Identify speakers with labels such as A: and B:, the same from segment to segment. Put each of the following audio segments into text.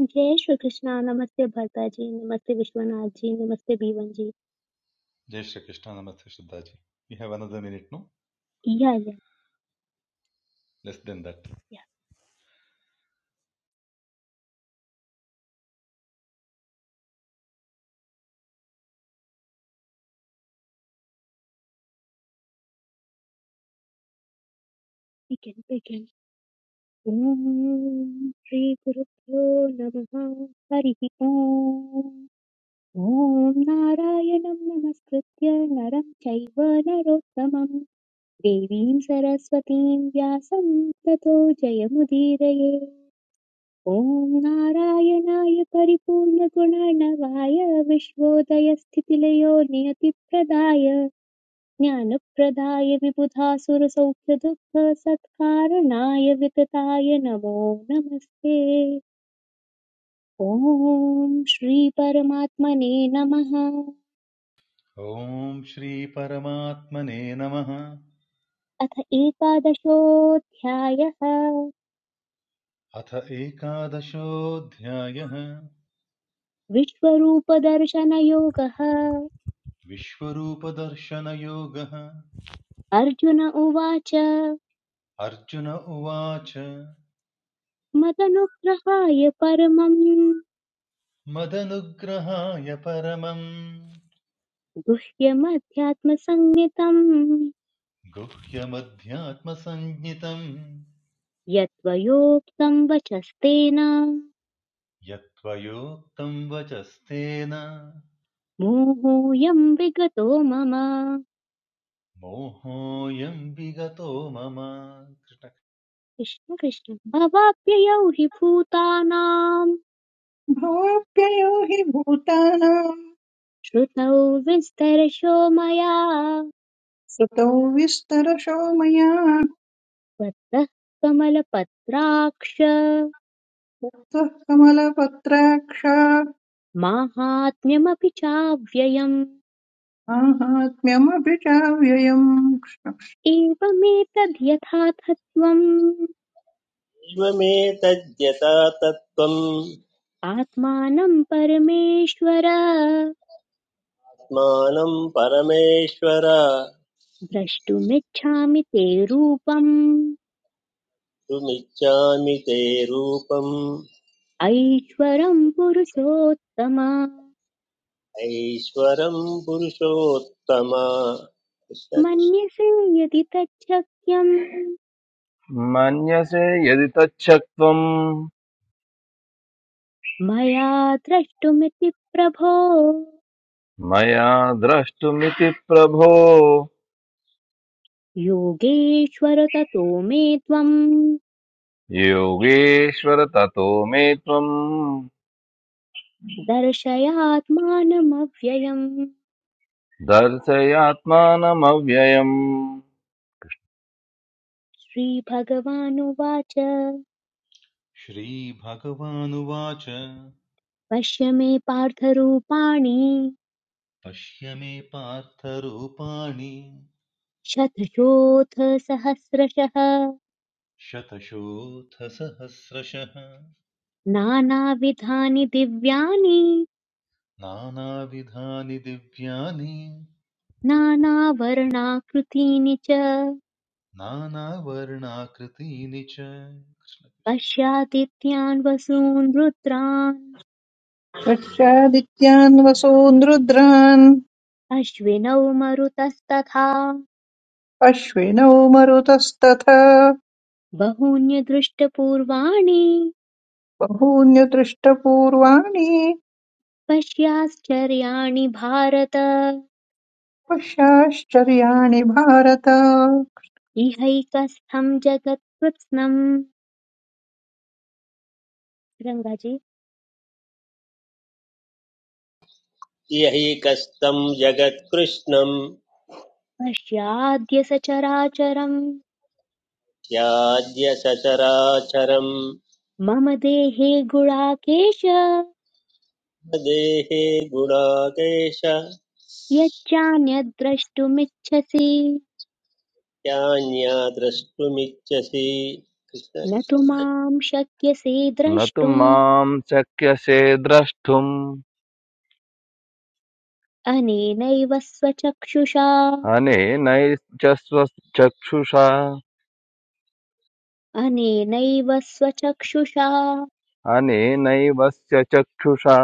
A: जय श्री कृष्णा नमस्ते भरता जी नमस्ते विश्वनाथ जी नमस्ते बीवन जी
B: जय श्री कृष्ण नमस्ते Shraddha ji we have another minute no
A: yeah yeah
B: less than that
A: yeah we can begin. ओम श्री गुरुभ्यो नमः हरिः ओम ॐ नारायणं नमस्कृत्य नरं चैव नरोत्तमं देवीं सरस्वतीं व्यासं ततो जयमुदीरये ॐ नारायणाय परिपूर्णगुणर्णवाय विश्वोदयस्थितिलयो नियतिप्रदाय ज्ञानप्रदाय विबुधासुरसौख्यदुःखसत्कारणाय वितताय नमो नमस्ते ॐ श्रीपरमात्मने नमः
B: ओम श्री परमात्मने नमः
A: अथ एकादशोऽध्यायः
B: अथ एकादशोऽध्यायः
A: विश्वरूपदर्शनयोगः
B: विश्वरूपदर्शनयोगः
A: अर्जुन उवाच
B: अर्जुन उवाच
A: मदनुग्रहाय परमम्
B: मदनुग्रहाय परमं
A: गुह्यमध्यात्मसंज्ञितम्
B: गुह्यमध्यात्मसञ्ज्ञितं
A: यत्त्वयोक्तम् वचस्तेन
B: यत्त्वयोक्तं वचस्तेन
A: मोहोऽयम् विगतो मम
B: मोहोऽयं विगतो मम कृष्ण
A: कृष्ण कृष्ण भवाप्ययौ हि भूतानाम्
C: भाव्ययो हि भूतानाम्
A: श्रुतौ विस्तरशो मया
C: श्रुतौ विस्तरशो मया
A: त्वत्तः कमलपत्राक्ष
C: तत्त्वः कमलपत्राक्षात्
A: माहात्म्यमपि चाव्ययम्
C: माहात्म्यमपि चाव्ययम्
A: एवमेतद्यथाथत्वम्
D: एवमेतद्यथा तत्त्वम्
A: आत्मानं परमेश्वर
D: आत्मानं परमेश्वर
A: द्रष्टुमिच्छामि ते रूपम्
D: तुमिच्छामि ते रूपम्
A: ऐश्वरं पुरुषोत्तम
D: ऐश्वरं पुरुषोत्तम कृष्ण कृष्ण
A: मन्यसे यदि तच्छक्यम्
E: मन्यसे यदि तच्छक्त्वम्
A: मया द्रष्टुमिति प्रभो
E: मया द्रष्टुमिति प्रभो
A: योगेश्वर ततो मे त्वम्
E: योगेश्वर ततो मे त्वम्
A: दर्शयात्मानमव्ययम्
E: दर्शयात्मानमव्ययम्
A: श्रीभगवानुवाच
B: श्रीभगवानुवाच
A: पश्य मे पार्थरूपाणि
B: पश्य मे पार्थ रूपाणि
A: शतशोऽथ सहस्रशः
B: शतशोऽथ सहस्रशः
A: नानाविधानि दिव्यानि
B: नानाविधानि दिव्यानि
A: नानावर्णाकृतीनि च
B: नानावर्णाकृतीनि च
A: पश्यादित्यान् वसून् रुद्रान्
C: पश्चादित्यान् वसून् रुद्रान्
A: अश्विनौ मरुतस्तथा
C: अश्विनौ मरुतस्तथा
A: बहून्यदृष्टपूर्वाणि
C: बहून्यदृष्टपूर्वाणि
A: पश्याश्चर्याणि भारत
C: पश्याश्चर्याणि भारत
A: इहैकस्थं जगत्कृत्स्नम् रङ्गाजी
D: यैकस्तं जगत्कृष्णं
A: पश्याद्य सचराचरम्
D: याद्य सचराचरं
A: मम देहे गुणाकेश
D: देहे गुणाकेश
A: यच्चान्यद्द्रष्टुमिच्छसि
D: यान्या द्रष्टुमिच्छसि कृष्ण
A: न तु
D: कृष्ण
A: मां शक्यसे
E: न तु
A: द्रष्टुम्
E: माम् शक्यसे द्रष्टुम्
A: अनेनैव स्वचक्षुषा
E: अनेनैश्च स्व- चक्षुषा
A: अनेनैव स्वचक्षुषा
E: अनेनैवस्य चक्षुषा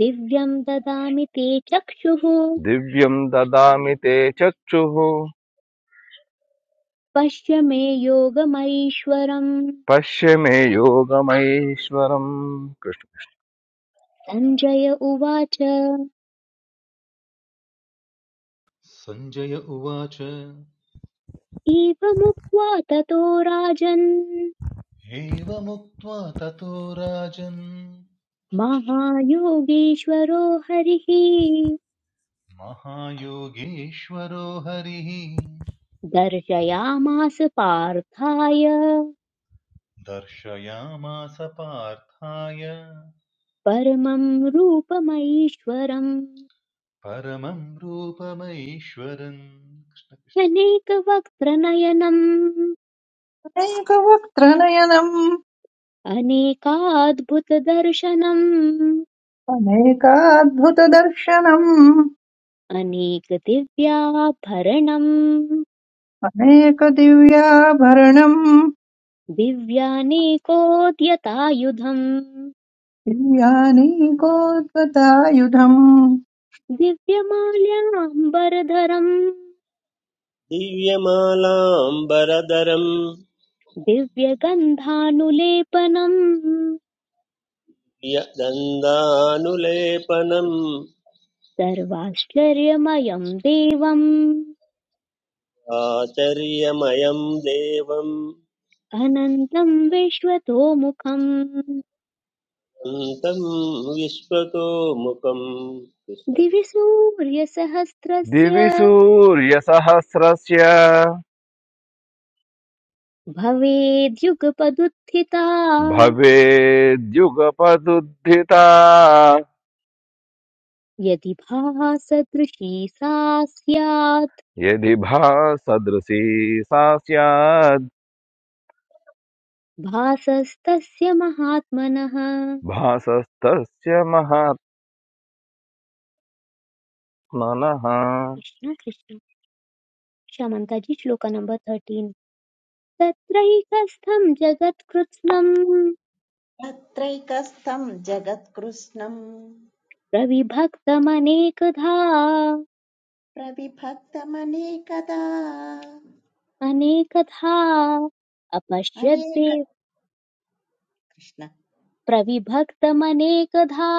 A: दिव्यम् ददामि ते चक्षुः
E: दिव्यम् ददामि ते चक्षुः
A: पश्य मे योगमैश्वरम्
E: पश्य मे योगमैश्वरम् कृष्ण।
A: सञ्जय उवाच
B: संजय उवाच
A: एवमुक्त्वा ततो राजन्
B: एवमुक्त्वा ततो राजन्
A: महायोगीश्वरो हरिः
B: महायोगेश्वरो हरिः
A: दर्शयामास पार्थाय
B: दर्शयामास पार्थाय
A: परमं रूपमैश्वरम्
B: परमं रूपमैश्वरम् कृष्ण कृष्ण।
A: अनेकवक्त्रनयनम्
C: अनेकवक्त्रनयनम्
A: अनेकाद्भुतदर्शनम्
C: अनेकाद्भुतदर्शनम्
A: अनेकदिव्याभरणम्
C: अनेकदिव्याभरणम्
A: दिव्यानेकोद्यतायुधम्
C: दिव्यानीकोद्गतायुधम्
A: दिव्यमाल्याम्बरधरम्
D: दिव्यमालाम्बरधरम्
A: दिव्यगन्धानुलेपनम्
D: दन्दानुलेपनम्
A: सर्वाश्चर्यमयम् देवम्
D: आचर्यमयम् देवम्
A: अनन्तम् विश्वतोमुखम्
D: अन्तम् विश्वतो मुखम्
A: दिवि सूर्यसहस्रस्य
E: दिवि सूर्यसहस्रस्य
A: भवेद्युगपदुत्थिता
E: भवेद्युगपदुद्धिता
A: यदि भासदृशी सा स्यात्
E: यदि भासदृशी सा स्याद्
A: भासस्तस्य महात्मनः
E: भासस्तस्य महात्मनः
A: कृष्ण कृष्ण क्षमन्ताजी श्लोक नंबर थर्टीन् तत्रैकस्थं जगत्कृत्स्नं
F: तत्रैकस्थं जगत्कृत्स्नं
A: प्रविभक्तमनेकधा
F: प्रविभक्तमनेकदा
A: अनेकधा
F: अनेक
A: अपश्यद्देव
F: कृष्ण
A: प्रविभक्तमनेकधा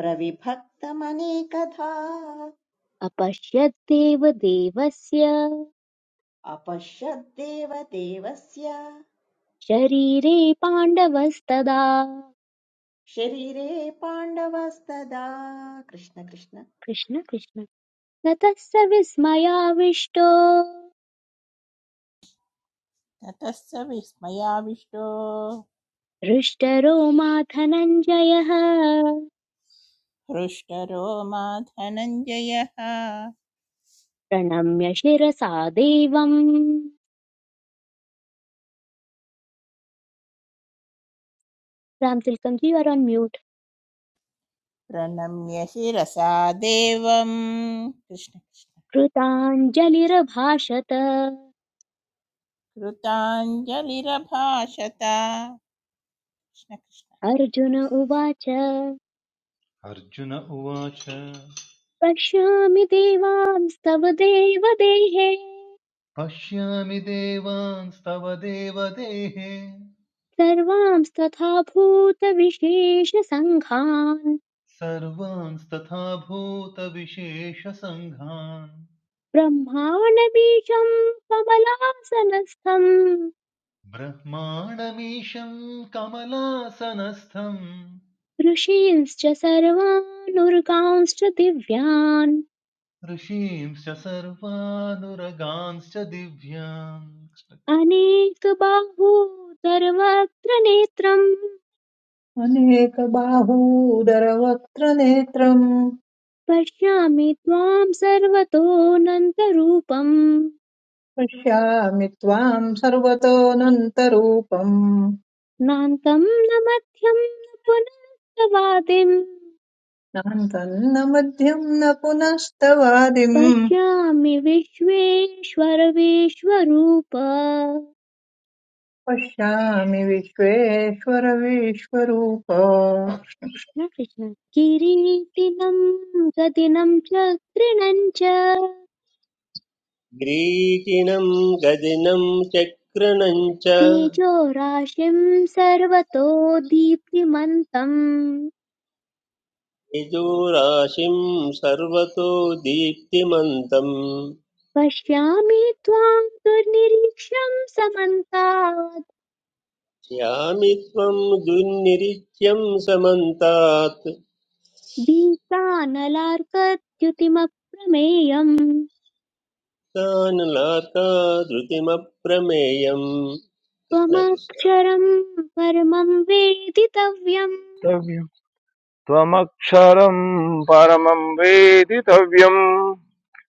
F: प्रविभक्तमनेकधा
A: अपश्यद्देव देवस्य
F: अपश्यद्देव देवस्य
A: शरीरे पाण्डवस्तदा
F: शरीरे पाण्डवस्तदा कृष्ण कृष्ण
A: कृष्ण कृष्ण ततः स विस्मयाविष्टो
G: ततः स विस्मयाविष्टो
A: हृष्टरो मा धनञ्जयः
G: हृष्टरो मा धनञ्जयः
A: प्रणम्य शिरसा देवम् Ramatilakam ji are on mute
G: प्रणम्य शिरसा देवम् कृष्ण कृष्ण
A: कृताञ्जलिरभाषत
G: कृताञ्जलिरभाषत कृष्ण कृष्ण
A: अर्जुन उवाच
B: अर्जुन उवाच
A: पश्यामि देवांस्तव देवदेहे
B: पश्यामि देवांस्तव देवदेः
A: सर्वांस्तथा भूतविशेषसङ्घान्
B: सर्वांस्तथा भूतविशेषसङ्घान्
A: ब्रह्माण्डबीजम् कमलासनस्थम्
B: ब्रह्माणमीशं कमलासनस्थम्
A: ऋषींश्च सर्वानुर्गांश्च दिव्यान्
B: ऋषींश्च सर्वानुरगांश्च दिव्यान् कृष्ण-
A: अनेकबाहोदरवक्त्र नेत्रम्
C: अनेकबाहूदरवक्त्रनेत्रम्
A: पश्यामि त्वां सर्वतोऽनन्तरूपम्
C: पश्यामि त्वाम् सर्वतोऽनन्तरूपम्
A: नान्तं न मध्यं न पुनस्तवादिम्
C: नान्तम् न मध्यम् न पुनस्तवादिम्
A: पश्यामि विश्वेश्वर विश्वरूप कृष्ण
C: पश्यामि विश्वेश्वर विश्वरूप
A: कृष्ण किरीटिनं गदिनं चक्रिणं च
D: ग्रीकिणम् गदिनम् चक्रणम् च
A: तेजो राशिं सर्वतो दीप्तिमन्तम्
D: यजोराशिं सर्वतो दीप्तिमन्तम्
A: पश्यामि त्वां दुर्निरीक्ष्यं समन्तात्
D: श्यामि त्वं दुर्निरीच्यं समन्तात्
A: दीप्तानलार्कद्युतिमप्रमेयम्
D: तानुलाका धृतिमप्रमेयम् कृष्ण कृष्ण
A: त्वमक्षरं परमं वेदितव्यं
E: तव्यम् त्वमक्षरम् परमं वेदितव्यम्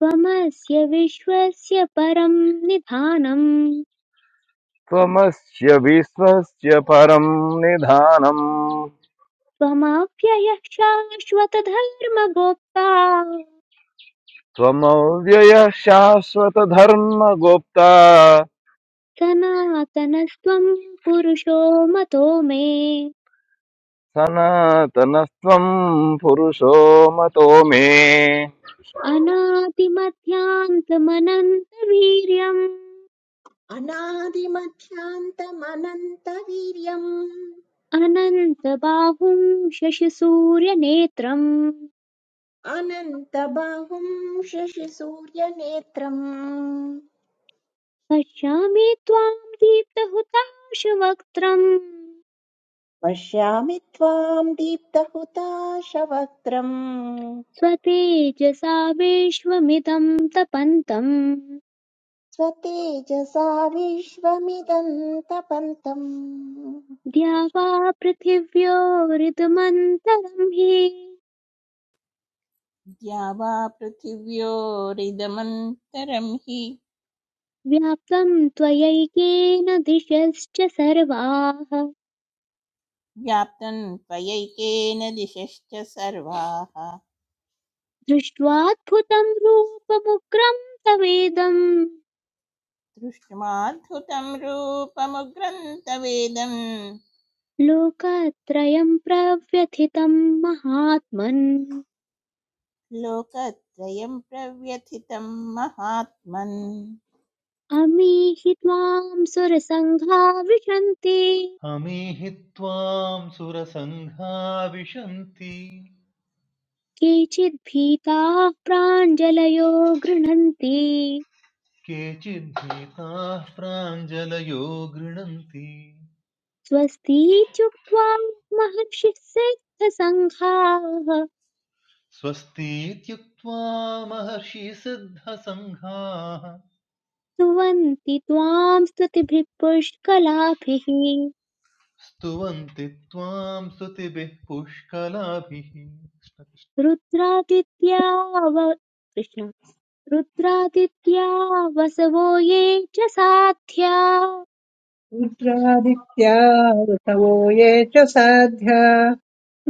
A: त्वमस्य विश्वस्य परं निधानम्
E: त्वमस्य विश्वस्य परं निधानम्
A: त्वमव्ययः शाश्वतधर्मगोप्ता
E: त्वमव्ययः शाश्वतधर्मगुप्ता
A: सनातनस्त्वं पुरुषो मतो मे
E: सनातनस्त्वं पुरुषो मतो मे
A: अनादिमध्यान्तमनन्तवीर्यम्
F: अनादिमध्यान्तमनन्तवीर्यम्
A: अनन्तबाहुं शशिसूर्यनेत्रं
F: अनन्तबाहुं शशिसूर्यनेत्रम्
A: पश्यामि त्वां दीप्तहुताशवक्त्रम्
F: पश्यामि त्वाम् दीप्तहुताशवक्त्रम्
A: स्वतेजसा विश्वमिदं तपन्तं
F: स्वतेजसा विश्वमिदन्तपन्तम् कृष्ण
A: द्यावा पृथिव्योरिदमन्तरं हि
G: द्या वा पृथिव्योरिदमन्तरं हि
A: व्याप्तं त्वयैकेन दिशश्च सर्वाः
G: व्याप्तं त्वयैकेन दिशश्च सर्वाः
A: दृष्ट्वाद्भुतं रूपमुग्रं तवेदम्
G: दृष्ट्वाद्भुतं रूपमुग्रन्थवेदं
A: लोकत्रयं प्रव्यथितं महात्मन्
G: लोकत्रयं प्रव्यथितं महात्मन्
A: अमीहि त्वां सुरसङ्घा विशन्ति
B: हमीहि त्वां सुरसङ्घा विशन्ति
A: केचिद्भीताः प्राञ्जलयो गृह्णन्ति
B: केचिद्भीताः प्राञ्जलयो गृणन्ति
A: स्वस्तीत्युक्त्वा महर्षिः सिद्धसङ्घाः
B: स्वस्तीत्युक्त्वा महर्षिसिद्धसङ्घाः
A: स्तुवन्ति त्वां स्तुतिभिः पुष्कलाभिः
B: स्तुवन्ति त्वां स्तुतिभिः पुष्कलाभिः
A: रुद्रादित्या व- कृष्ण रुद्रादित्या वसवो ये च साध्या
C: रुद्रादित्या ऋतवो ये च साध्या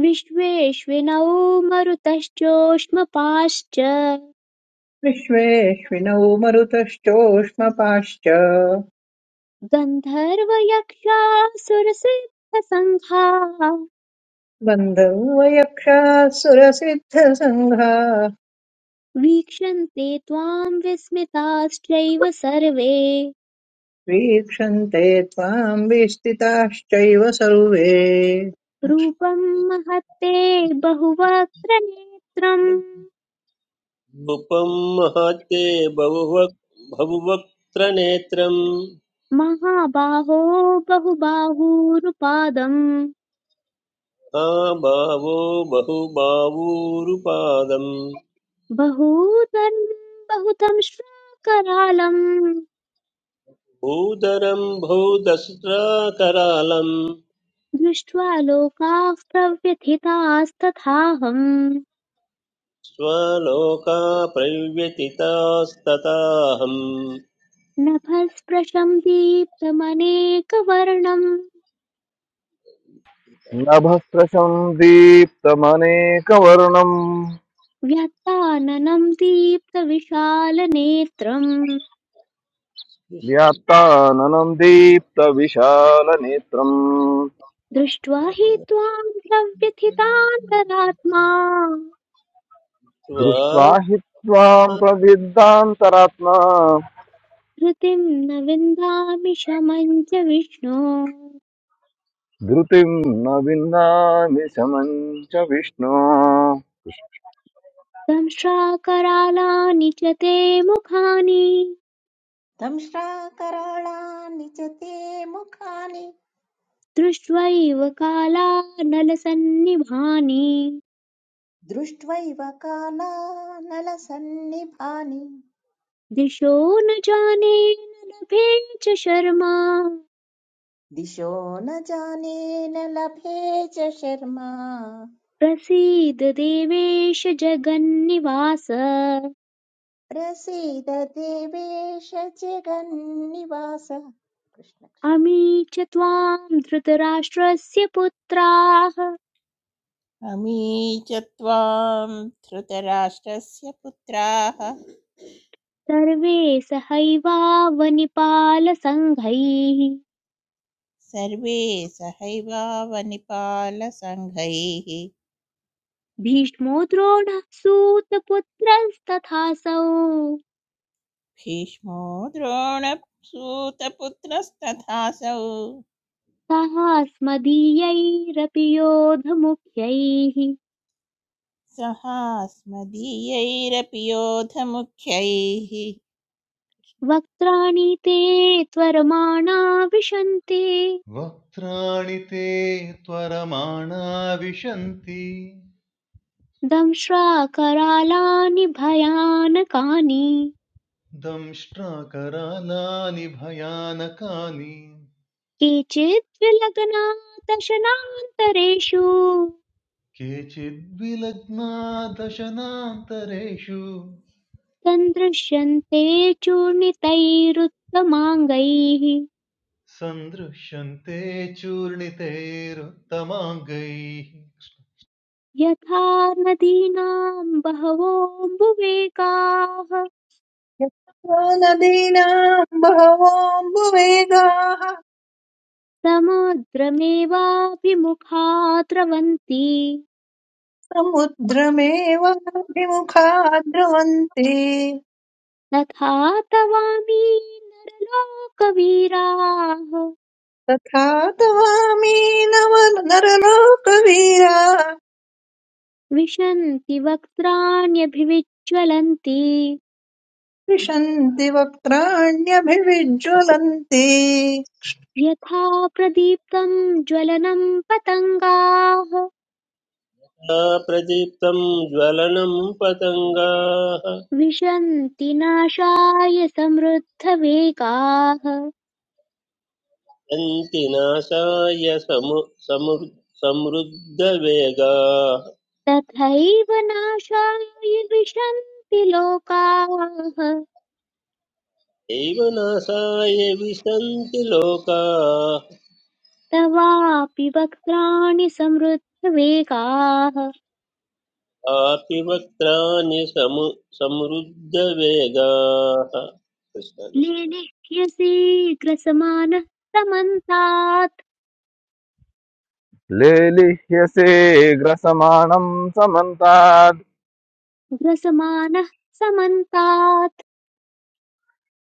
A: विश्वेश्विनौ मरुतश्चोष्मपाश्च
C: विश्वेऽश्विनौ मरुतश्चोष्मपाश्च
A: गन्धर्वयक्षासुरसिद्धसङ्घाः
C: गन्धर्व यक्षाः सुरसिद्धसङ्घाः
A: वीक्षन्ते त्वाम् विस्मिताश्चैव सर्वे
C: वीक्षन्ते त्वाम् विस्थिताश्चैव सर्वे
A: रूपम् महत्ते बहुवक्त्र नेत्रम्
D: नृपं महत्ते बहुवक् बहुवक्त्रनेत्रं
A: महाबाहो बहुबाहूरुपादम्
D: महाभावो बहुबाहूरुपादं
A: बहूतरम् बहुतम् श्राकरालम्
D: भूधरं बहुदस्त्राकरालं
A: दृष्ट्वा लोकाः प्रव्यथितास्तथाहम्
D: स्वलोका प्रव्यतितास्तताहम्
A: नभःस्पृशम् दीप्तमनेकवर्णम्
E: नभस्त्रशं दीप्तमनेकवर्णम्
A: व्यात्ताननम् दीप्तविशालनेत्रम्
E: व्याप्ताननं दीप्तविशालनेत्रम्
A: दृष्ट्वा हि
D: स्वाया
A: त्वाम् प्रव्यथितान्तरात्मा
E: दृष्ट्वा हि त्वां प्रविद्दान्तरात्मा
A: धृतिम् न विन्दामि शमम् च विष्णो
E: धृतिं न विन्दामि शमं च विष्णो
A: दंश्राकरालानि च ते मुखानि
F: दंश्राकराळानि च ते मुखानि
A: दृष्ट्वैव कालानलसन्निभानि
F: दृष्ट्वैव कालानलसन्निभानि
A: दिशो न जाने न लभे च शर्मा
F: दिशो न जाने न लभे च शर्मा
A: प्रसीद देवेश जगन्निवास
F: प्रसीद देवेश जगन्निवास कृष्ण
A: अमी च त्वां धृतराष्ट्रस्य पुत्राः
G: अमी च त्वां धृतराष्ट्रस्य पुत्राः
A: सर्वे सहैवावनिपालसङ्घैः
G: सर्वे सहैवावनिपालसङ्घैः
A: भीष्मो द्रोणः सूतपुत्रस्तथासौ
G: भीष्मो द्रोणसूतपुत्रस्तथासौ
A: सहास्मदीयैरपि योधमुख्यैः
G: सहास्मदीयैरपि योधमुख्यैः
A: वक्त्राणि ते त्वरमाणा विशन्ति
B: वक्त्राणि ते त्वरमाणा विशन्ति
A: दंश्राकरालानि भयानकानि
B: दंष्ट्राकरालानि भयानकानि
A: केचित् विलग्ना दशनान्तरेषु
B: केचिद्विलग्ना दशनान्तरेषु
A: सन्दृश्यन्ते चूर्णितैरुत्तमाङ्गैः
B: सन्दृश्यन्ते चूर्णितैरुत्तमाङ्गैः
A: यथा नदीनां बहवोऽम्बुवेकाः
C: यत्र नदीनाम् बहवोऽम्बुवेगाः
A: समुद्रमेवाभिमुखा द्रवन्ति
C: समुद्रमेवाभिमुखा द्रवन्ति
A: तथा तवामी नरलोकवीराः
C: तथा तवामी नव नरलोकवीरा
A: विशन्ति वक्त्राण्यभिविज्ज्वलन्ति
C: विशन्ति वक्त्राण्यभिविज्ज्वलन्ति
A: यथा प्रदीप्तं ज्वलनं पतङ्गाः
D: प्रदीप्तं ज्वलनं पतङ्गाः
A: विशन्ति नाशाय समृद्धवेगाः
D: सन्ति नाशाय समु समृद्धवेगाः
A: तथैव नाशाय विशन्ति लोकाः
D: एव नासाय विशन्ति लोकाः
A: तवापि वक्त्राणि समृद्धवेगाः
D: कापि वक्त्राणि समु समृद्धवेगाः कृष्ण कृष्ण।
A: लेने ह्यसि ग्रसमानः समन्तात्
E: लेलिह्यसे ग्रसमाणं समन्ताद्
A: ग्रसमानः समन्तात्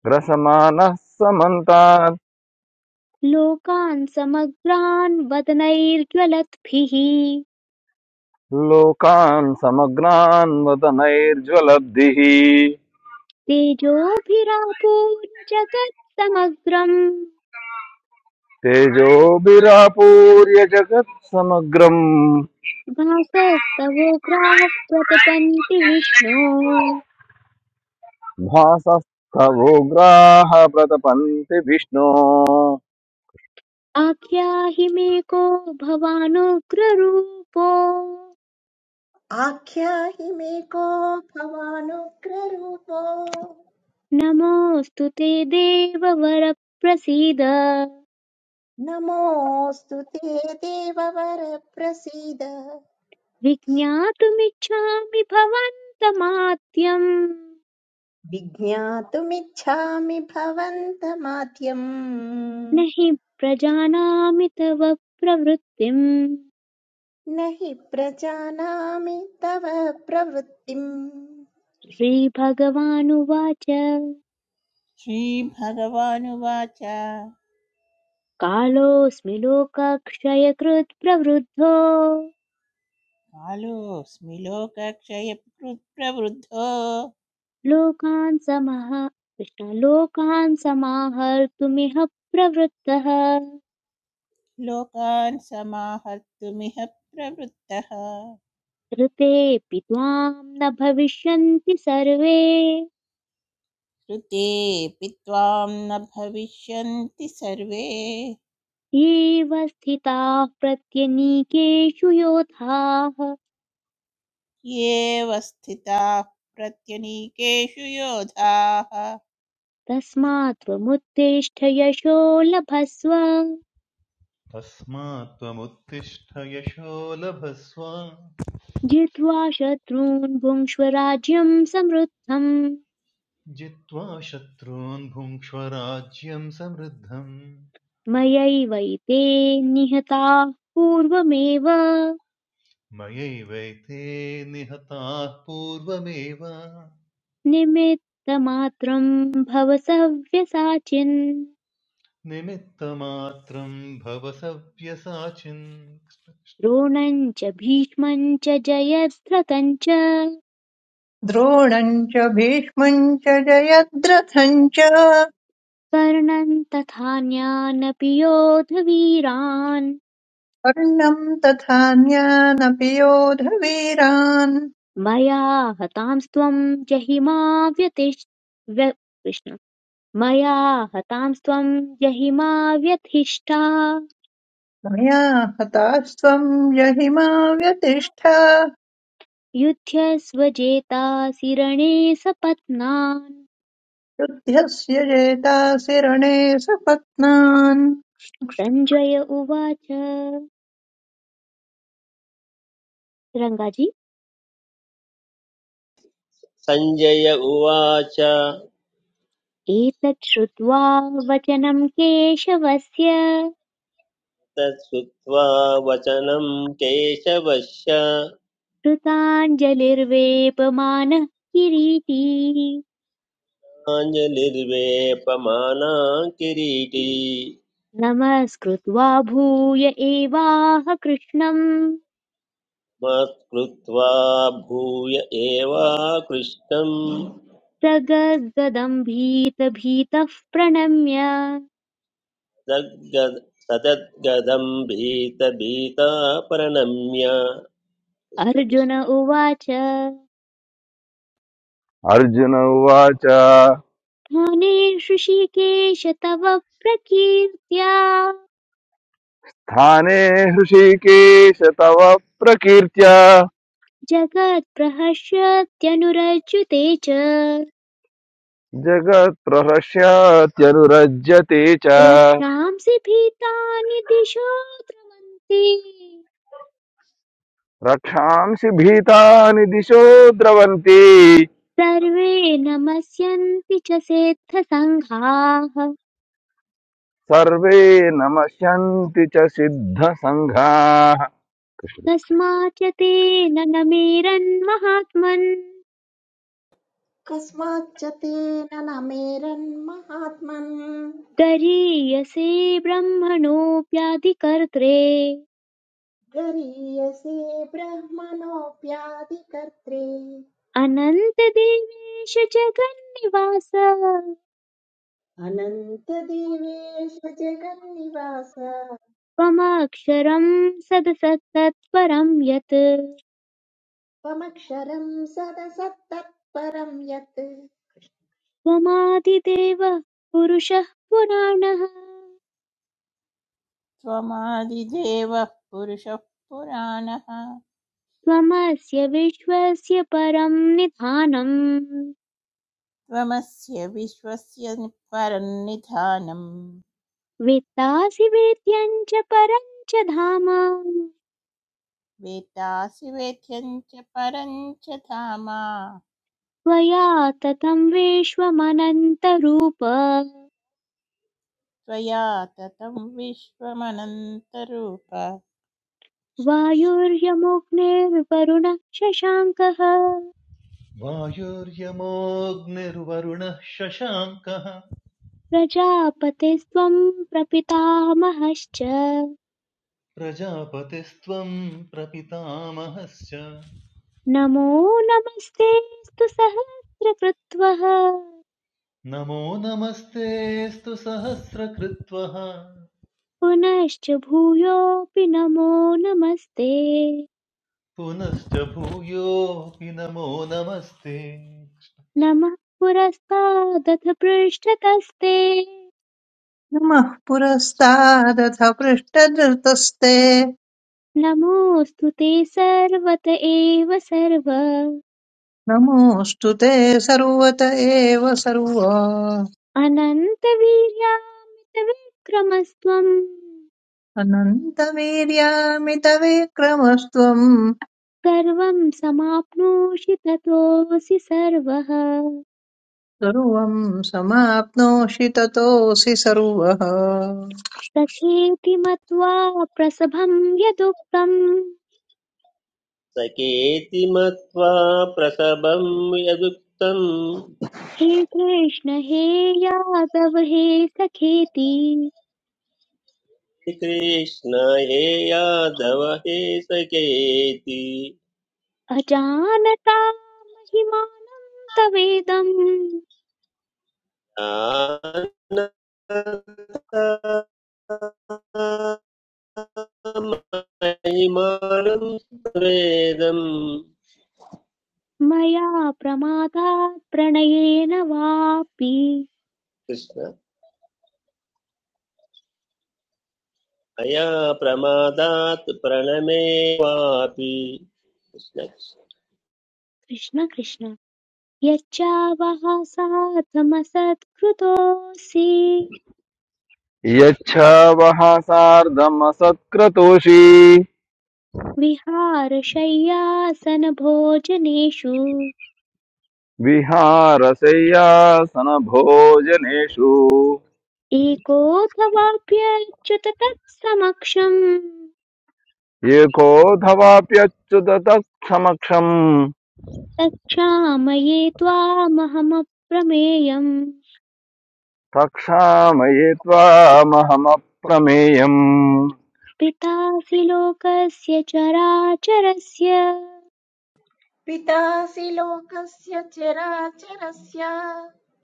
E: ग्रसमानः समन्ताद्
A: लोकान् समग्रान् वदनैर्ज्वलद्भिः
E: लोकान् समग्नान् वदनैर्ज्वलब्धिः
A: तेजोभिरापूर्य जगत् समग्रम्
E: तेजोभिरापूर्य जगत् समग्रम्
A: भासस्तवोग्राः प्रतिपन्ति विष्णो
E: भासस्तवोग्राः प्रतपन्ति विष्णो
A: आख्याहि मे को भवानुग्ररूपो
F: आख्याहि मे को भवानुग्ररूपो
A: नमोऽस्तु ते देववर प्रसीद
F: नमोऽस्तु ते देववर प्रसीद
A: विज्ञातुमिच्छामि भवन्तमाद्यम्
F: विज्ञातुमिच्छामि भवन्तमाद्यम्
A: न हि प्रजानामि तव प्रवृत्तिम्
F: न हि प्रजानामि तव प्रवृत्तिम्
A: श्रीभगवानुवाच
G: श्रीभगवानुवाच
A: कालोऽस्मि लोकक्षयकृत् प्रवृद्धो
G: कालोऽस्मि लोकक्षयकृत्प्रवृद्धो
A: लोकान् समाह कृष्ण लोकान् समाहर्तुमिह प्रवृत्तः
G: लोकान् समाहर्तुमिह प्रवृत्तः
A: ऋतेऽपि त्वाम् न भविष्यन्ति सर्वे
G: श्रुतेऽपि त्वां न भविष्यन्ति सर्वे
A: येऽव स्थिताः प्रत्यनीकेषु योधाः
G: येव स्थिताः प्रत्यनीकेषु योधाः
A: तस्मात् त्वमुत्तिष्ठ यशो लभस्व
B: तस्मात् त्वमुत्तिष्ठ यशो लभस्व
A: जित्वा शत्रून् भुङ्क्ष्व राज्यं समृद्धम्
B: जित्वा शत्रून् भुङ्क्ष्व राज्यं समृद्धम्
A: मयैवैते निहताः पूर्वमेव
B: मयैवैते निहताः पूर्वमेव
A: निमित्तमात्रं भव सव्यसाचिन्
B: निमित्तमात्रं भव सव्यसाचिन्
A: द्रोणम् च भीष्मम् च जयद्रथम् च
C: द्रोणम् च भीष्मम् च जयद्रथम् च
A: कर्णन् तथान्यानपि योधवीरान्
C: कर्णम् तथान्यानपि योधवीरान्
A: मया हतांस्त्वं जहिमा व्यतिष् व्य कृष्ण मया हतांस्त्वं जहिमा व्यथिष्ठा
C: मया हतास्त्वम् जहिमा व्यतिष्ठ
A: युध्यस्वजेतासि रणे सपत्नान्
C: युध्यस्य जेतासि रणे सपत्नान्
A: सञ्जय उवाच रङ्गाजी
D: सञ्जय उवाच
A: एतत् श्रुत्वा वचनं केशवस्य
D: तत्श्रुत्वा वचनं केशवस्य
A: कृताञ्जलिर्वेपमानः किरीटी
D: आञ्जलिर्वेपमाना किरीटी
A: नमस्कृत्वा भूय एवाह कृष्णम्
D: मत्कृत्वा भूय एवाकृष्टं
A: स गद्गदम् प्रणम्य
D: सद्गद- सदद्गदं भीतभीता प्रणम्य
A: अर्जुन उवाच
E: अर्जुन उवाच स्थाने
A: स्थानेषु ऋषिकेश तव प्रकीर्त्या
E: हृषीकेश तव प्रकीर्त्या
A: जगत्प्रहर्षत्यनुरज्युते च
E: जगत्प्रहस्यात्यनुरज्यते च
A: रक्षांसि भीतानि दिशो द्रवन्ति
E: रक्षांसि भीतानि दिशो द्रवन्ति
A: सर्वे नमस्यन्ति च सेत्थसङ्घाः
E: सर्वे नमस्यन्ति च सिद्धसङ्घाः
A: तस्मात् च तेन नमेरन्महात्मन्
F: कस्माच्च तेन न मेरन्महात्मन्
A: गरीयसे ब्रह्मणोऽप्याधिकर्त्रे
F: गरीयसे ब्रह्मणोऽप्यादिकर्त्रे
A: अनन्तदेवेश जगन्निवास
F: अनन्तदेवेश जगन्निवास
A: त्वमक्षरं सदसत्तत्परं यत्
F: त्वमक्षरं सदसत्तत्परं यत्
A: त्वमादिदेवः पुरुषः पुराणः
G: त्वमादिदेवः पुरुषः पुराणः
A: त्वमस्य विश्वस्य परं निधानम्
G: त्वमस्य विश्वस्य परन्निधानम्
A: वेत्तासि वेद्यं च परं च धाम
G: वेत्तासि वेद्यं च परं च धामा
A: त्वया ततं विश्वमनन्तरूप
G: त्वया ततं विश्वमनन्तरूप
A: वायुर्यमुग्निर्वरुणः शशाङ्कः
B: वायुर्यमोऽग्निर्वरुणः शशाङ्कः
A: प्रजापतिस्त्वं प्रपितामहश्च
B: प्रजापतिस्त्वं प्रपितामहश्च
A: नमो नमस्तेऽस्तु सहस्रकृत्वः
B: नमो नमस्तेऽस्तु सहस्रकृत्वः
A: पुनश्च भूयोऽपि नमो नमस्ते
B: पुनश्च भूयोऽपि नमो नमस्ते
A: नमः पुरस्तादथ पृष्ठतस्ते
C: नमः पुरस्तादथ पृष्ठधृतस्ते
A: नमोऽस्तु ते सर्वत एव सर्व
C: नमोऽस्तु ते सर्वत एव सर्व
A: अनन्तवीर्यामितविक्रमस्त्वम्
C: अनन्तवीर्यामितविक्रमस्त्वम्
A: सर्वं समाप्नोषि ततोऽसि सर्वः
C: सर्वम् समाप्नोषि ततोऽसि सर्वः
A: सखेति मत्वा प्रसभं यदुक्तम्
D: सकेति मत्वा प्रसभं यदुक्तं
A: हे कृष्ण हे यादव हे सखेति
D: हे कृष्ण हे यादव हे सकेति
A: अजानता महिमानं तवेदम्
D: महिमानं वेदं
A: मया प्रमादात् प्रणयेन वापि
D: कृष्ण अया प्रमादात् प्रणमे वापि कृष्ण
A: कृष्ण कृष्ण यच्चावः साधमसत्कृतोऽसि
E: यच्छवः सार्धमसत्क्रतोषि
A: विहारशय्यासनभोजनेषु
E: विहारशय्यासनभोजनेषु
A: एकोऽथवाप्यच्युत तत्समक्षम्
E: एकोऽथवाप्यच्युततः समक्षम्
A: तच्छामये त्वामहमप्रमेयम्
E: प्रक्षामये त्वामहमप्रमेयम्
A: पितासि लोकस्य चराचरस्य
F: पितासि लोकस्य चराचरस्य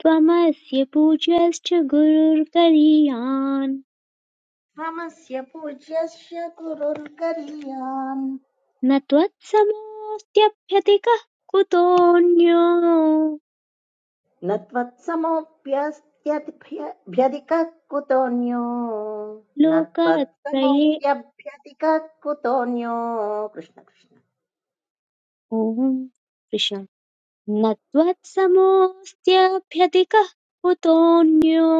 A: त्वमस्य पूज्यश्च गुरुर्गरीयान्
F: ममस्य पूज्यस्य गुरुर्गरीयान्
A: न त्वत्समोऽस्त्यभ्यधिकः कुतोऽन्यो
F: न त्वत्समोऽप्यस्त्यभ्यधिकः कुतोऽन्यो न
A: लोकत्रये
F: त्वत्समोऽस्यभ्यधिकः कुतोऽन्यो कृष्ण कृष्ण
A: ॐ कृष्ण न त्वत्समोऽस्त्यभ्यधिकः कुतोऽन्यो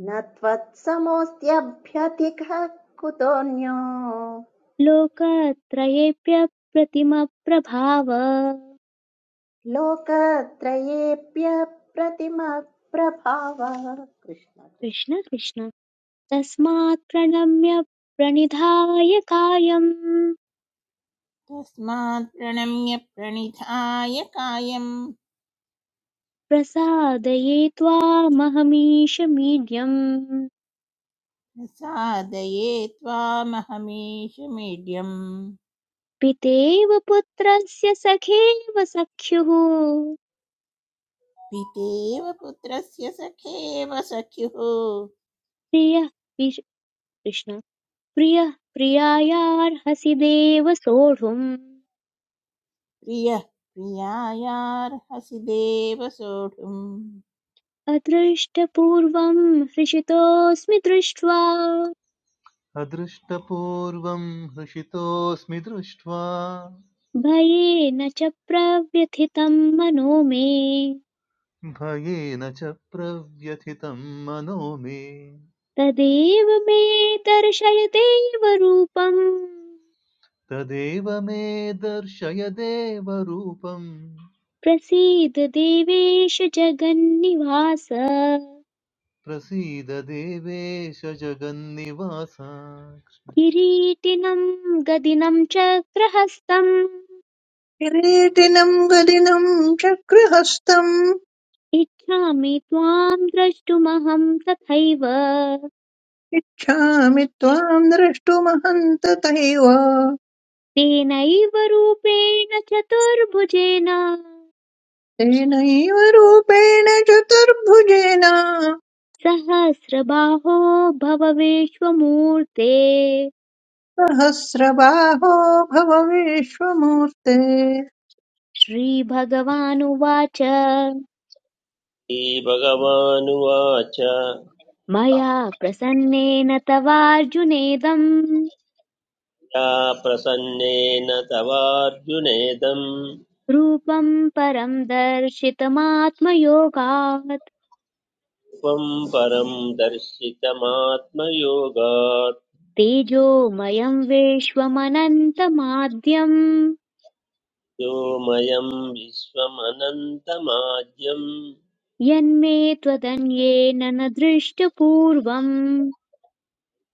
F: न त्वत्समोऽस्त्यभ्यधिकः कुतोऽन्यो
A: लोकत्रयेऽप्यप्रतिमप्रभाव
F: लोकत्रयेऽप्यप्रतिमप्रभावः कृष्ण कृष्ण
A: कृष्ण कृष्ण तस्मात् प्रणम्य प्रणिधाय कायम्
G: तस्मात् प्रणम्य प्रणिधाय कायं
A: प्रसादये त्वामहमीशमीड्यम्
G: प्रसादये त्वामहमीश मीड्यम्
A: पितेव पुत्रस्य सखेव सख्युः
G: पितेव पुत्रस्य सखेव सख्युः
A: प्रियः विश- कृष्ण प्रियः प्रियायार्हसि देव सोढुम्
G: प्रियः प्रियायार्हसि देव सोढुम्
A: अदृष्टपूर्वं हृषितोऽस्मि दृष्ट्वा
B: अदृष्टपूर्वं हृषितोऽस्मि दृष्ट्वा
A: भयेन च प्रव्यथितं मनो मे
B: भयेन च प्रव्यथितं मनो मे
A: तदेव मे दर्शय देव रूपम्
B: तदेव मे दर्शय देवरूपम्
A: प्रसीद देवेश जगन्निवास
B: प्रसीद देवेश जगन्निवासा
A: किरीटिनं गदिनं चक्रहस्तम्
C: किरीटिनम् गदिनम् चक्रहस्तम्
A: इच्छामि त्वां द्रष्टुमहं तथैव
C: इच्छामि त्वाम् द्रष्टुमहन्ततैव
A: तेनैव रूपेण चतुर्भुजेन
C: तेनैव रूपेण चतुर्भुजेन
A: सहस्रबाहो भव विश्वमूर्ते
C: सहस्रबाहो भव विश्वमूर्ते
A: श्रीभगवानुवाच
D: श्रीभगवानुवाच
A: मया प्रसन्नेन तवार्जुनेदं
D: या प्रसन्नेन तवार्जुनेदं
A: रूपं परम् दर्शितमात्मयोगात्
D: त्वं परं दर्शितमात्मयोगात्
A: तेजोमयम् विश्वमनन्तमाद्यम्
D: व्योमयं विश्वमनन्तमाज्यं
A: यन्मे त्वदन्येन न दृष्टपूर्वम्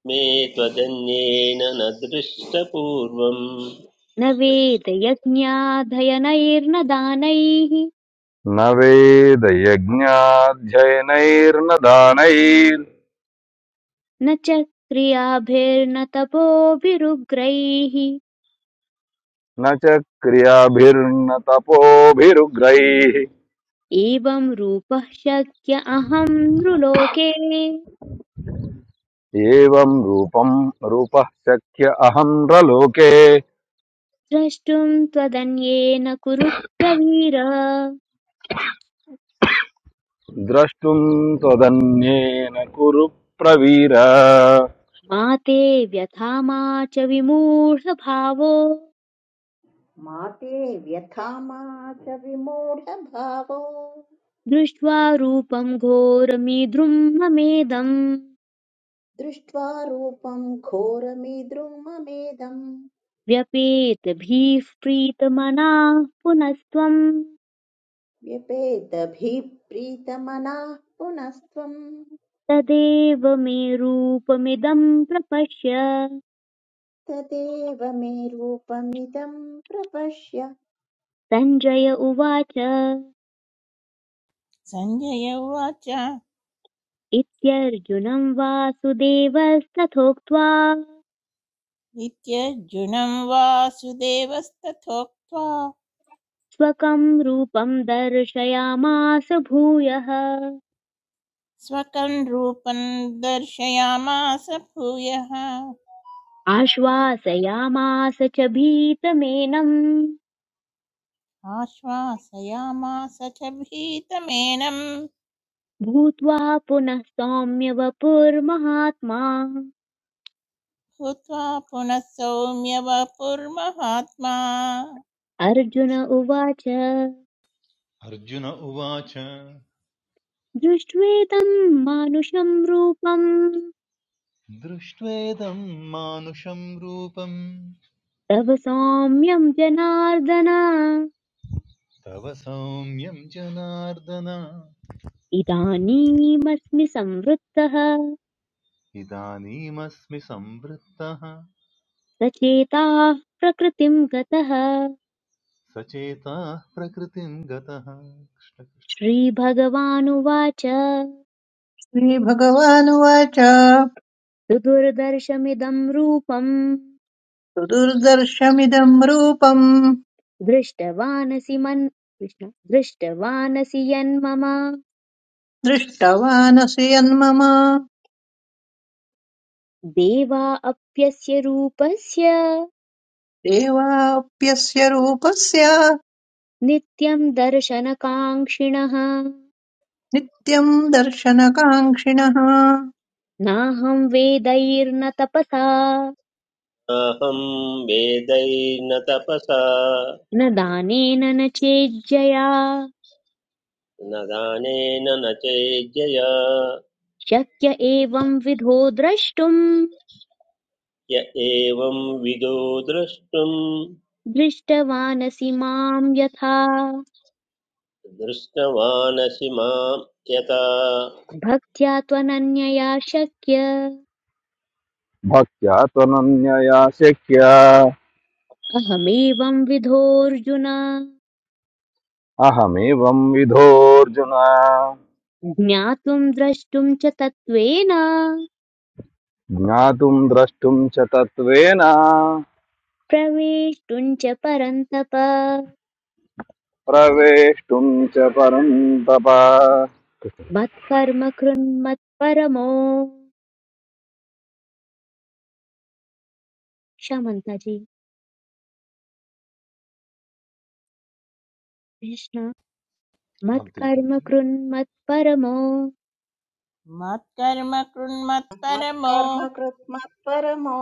D: मे त्वदन्येन न दृष्टपूर्वम्
A: न वेदयज्ञाधयनैर्न दानैः
E: न वेदयज्ञाध्ययनैर्न दानैर्
A: न च क्रियाभिर्न तपोभिरुग्रैः
E: न च क्रियाभिर्न तपोभिरुग्रैः
A: एवं रूपः शक्य अहं नृलोके
E: एवं रूपं रूपः शक्य अहं प्रलोके
A: द्रष्टुं त्वदन्येन कुरु प्रवीर
E: द्रष्टुं त्वदन्येन कुरु प्रवीर
A: मा ते व्यथा मा च विमूढभावो
F: मा ते व्यथा मा च विमूढभावो
A: दृष्ट्वा रूपं घोरमीदृं ममेदम्
F: दृष्ट्वा रूपम् घोरमीद्रुं
A: व्यपेतभिः प्रीतमनाः पुनस्त्वम्
F: व्यपेतभिप्रीतमनाः पुनस्त्वम्
A: तदेव मे रूपमिदं प्रपश्य
F: तदेव मे रूपमिदम् प्रपश्य
A: सञ्जय उवाच
G: सञ्जय उवाच
A: इत्यर्जुनं वासुदेवस्तथोक्त्वा
G: इत्यर्जुनं वासुदेवस्तथोक्त्वा
A: स्वकं रूपं दर्शयामास भूयः
G: स्वकं रूपं दर्शयामास भूयः
A: आश्वासयामास च भीतमेनं
G: आश्वासयामास च भीतमेनं
A: भूत्वा पुनः सौम्य वपुर्महात्मा
G: भूत्वा पुनः सौम्य वपुर्महात्मा
A: अर्जुन उवाच
B: अर्जुन उवाच
A: दृष्ट्वेदं मानुषं रूपं
B: दृष्ट्वेदं मानुषं रूपं
A: तव सौम्यं जनार्दन
B: तव सौम्यं जनार्दन
A: इदानीमस्मि संवृत्तः
B: इदानीमस्मि संवृत्तः
A: सचेताः प्रकृतिं गतः
B: सचेताः प्रकृतिं गतः कृष्ण-
A: श्रीभगवानुवाच
C: श्रीभगवानुवाच
A: सुदुर्दर्शमिदं रूपम्
C: सुदुर्दर्शमिदम् रूपम्
A: दृष्टवानसि मन् कृष्ण दृष्टवानसि यन्मम
C: दृष्टवानसि यन्मम
A: देवा अप्यस्य रूपस्य
C: देवाप्यस्य रूपस्य
A: नित्यं दर्शनकाङ्क्षिणः
C: नित्यम् दर्शनकाङ्क्षिणः
A: नाहं वेदैर्न तपसा
D: अहं वेदैर्न तपसा
A: न दानेन न चेज्जया
D: न दानेन न चेज्जया
A: शक्य एवं विधो द्रष्टुम्
D: य एवं विदो द्रष्टुम्
A: दृष्टवानसि माम् यथा
D: दृष्टवानसि मां यथा
A: भक्त्या त्वनन्यया शक्य
E: भक्त्या त्वनन्यया शक्य
A: अहमेवं विधोऽर्जुन
E: अहमेवं विधोऽर्जुन
A: ज्ञातुं द्रष्टुं च तत्त्वेन
E: ज्ञातुं द्रष्टुं च तत्त्वेन
A: प्रवेष्टुं च परन्तप
E: प्रवेष्टुं च परन्तप
A: मत्कर्म कृन् मत्परमो क्षमन्ताजी कृष्ण
B: राम तिलकम
A: मत्कर्म
B: जी
A: कृन् मत्परमो
G: मत्कर्म कृन्मत्परमो
F: मत्कर्म कृत् मत्परमो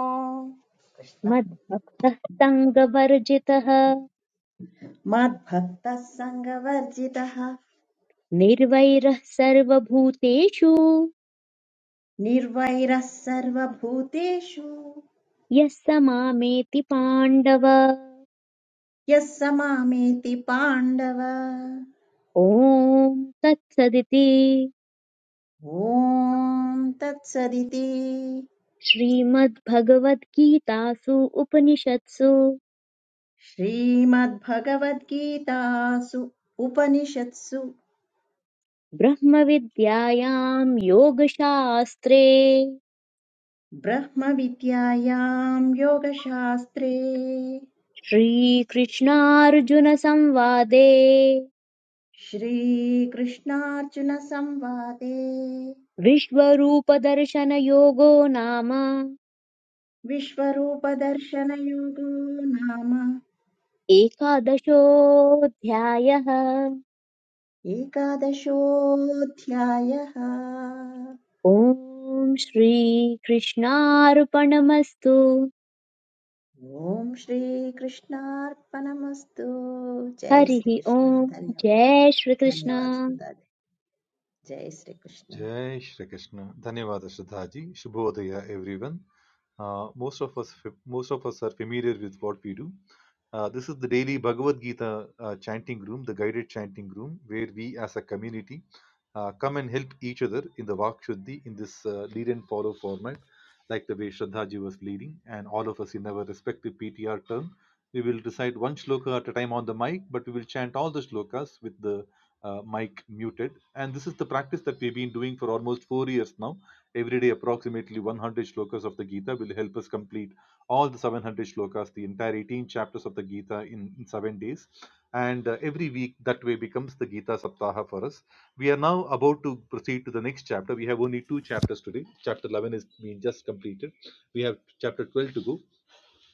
F: कृष्ण
A: मद्भक्तः सङ्गवर्जितः
F: मद्भक्तः सङ्गवर्जितः
A: निर्वैरः सर्वभूतेषु
F: निर्वैरः सर्वभूतेषु
A: यः स मामेति पाण्डव
F: यः स मामेति पाण्डव
A: ॐ तत्सदिति
F: ॐ तत्सदिति
A: श्रीमद्भगवद्गीतासु उपनिषत्सु
F: श्रीमद्भगवद्गीतासु उपनिषत्सु
A: ब्रह्मविद्यायां योगशास्त्रे
F: ब्रह्मविद्यायां योगशास्त्रे
A: श्रीकृष्णार्जुनसंवादे
F: श्रीकृष्णार्जुनसंवादे
A: विश्वरूपदर्शनयोगो नाम
F: विश्वरूपदर्शनयोगो नाम
A: एकादशोऽध्यायः
F: एकादशोऽध्यायः
A: ॐ श्रीकृष्णार्पणमस्तु
F: ॐ श्रीकृष्णार्पणमस्तु जय
A: हरिः ॐ
F: श्रीकृष्ण धन्यवाद
A: जय श्रीकृष्ण
F: धन्यवाद सुधाजी जय Shri Krishna
B: Jai Shri Krishna. Dhanyavada Shraddhaji. Shubhodaya everyone. Uh, most of us most of us are familiar with what we do. Uh, this is the daily Bhagavad Gita uh, chanting room, the guided chanting room, where we as a community uh, come and help each other in the Vakshuddhi in this uh, lead and follow format, like the way Shraddhaji was leading, and all of us in our respective PTR term. We will recite one shloka at a time on the mic, but we will chant all the shlokas with the uh, mic muted. And this is the practice that we've been doing for almost four years now. Every day, approximately 100 shlokas of the Gita will help us complete all the 700 shlokas, the entire 18 chapters of the Gita in, in seven days. And uh, every week, that way becomes the Gita Saptaha for us. We are now about to proceed to the next chapter. We have only two chapters today. Chapter 11 is being just completed. We have chapter 12 to go.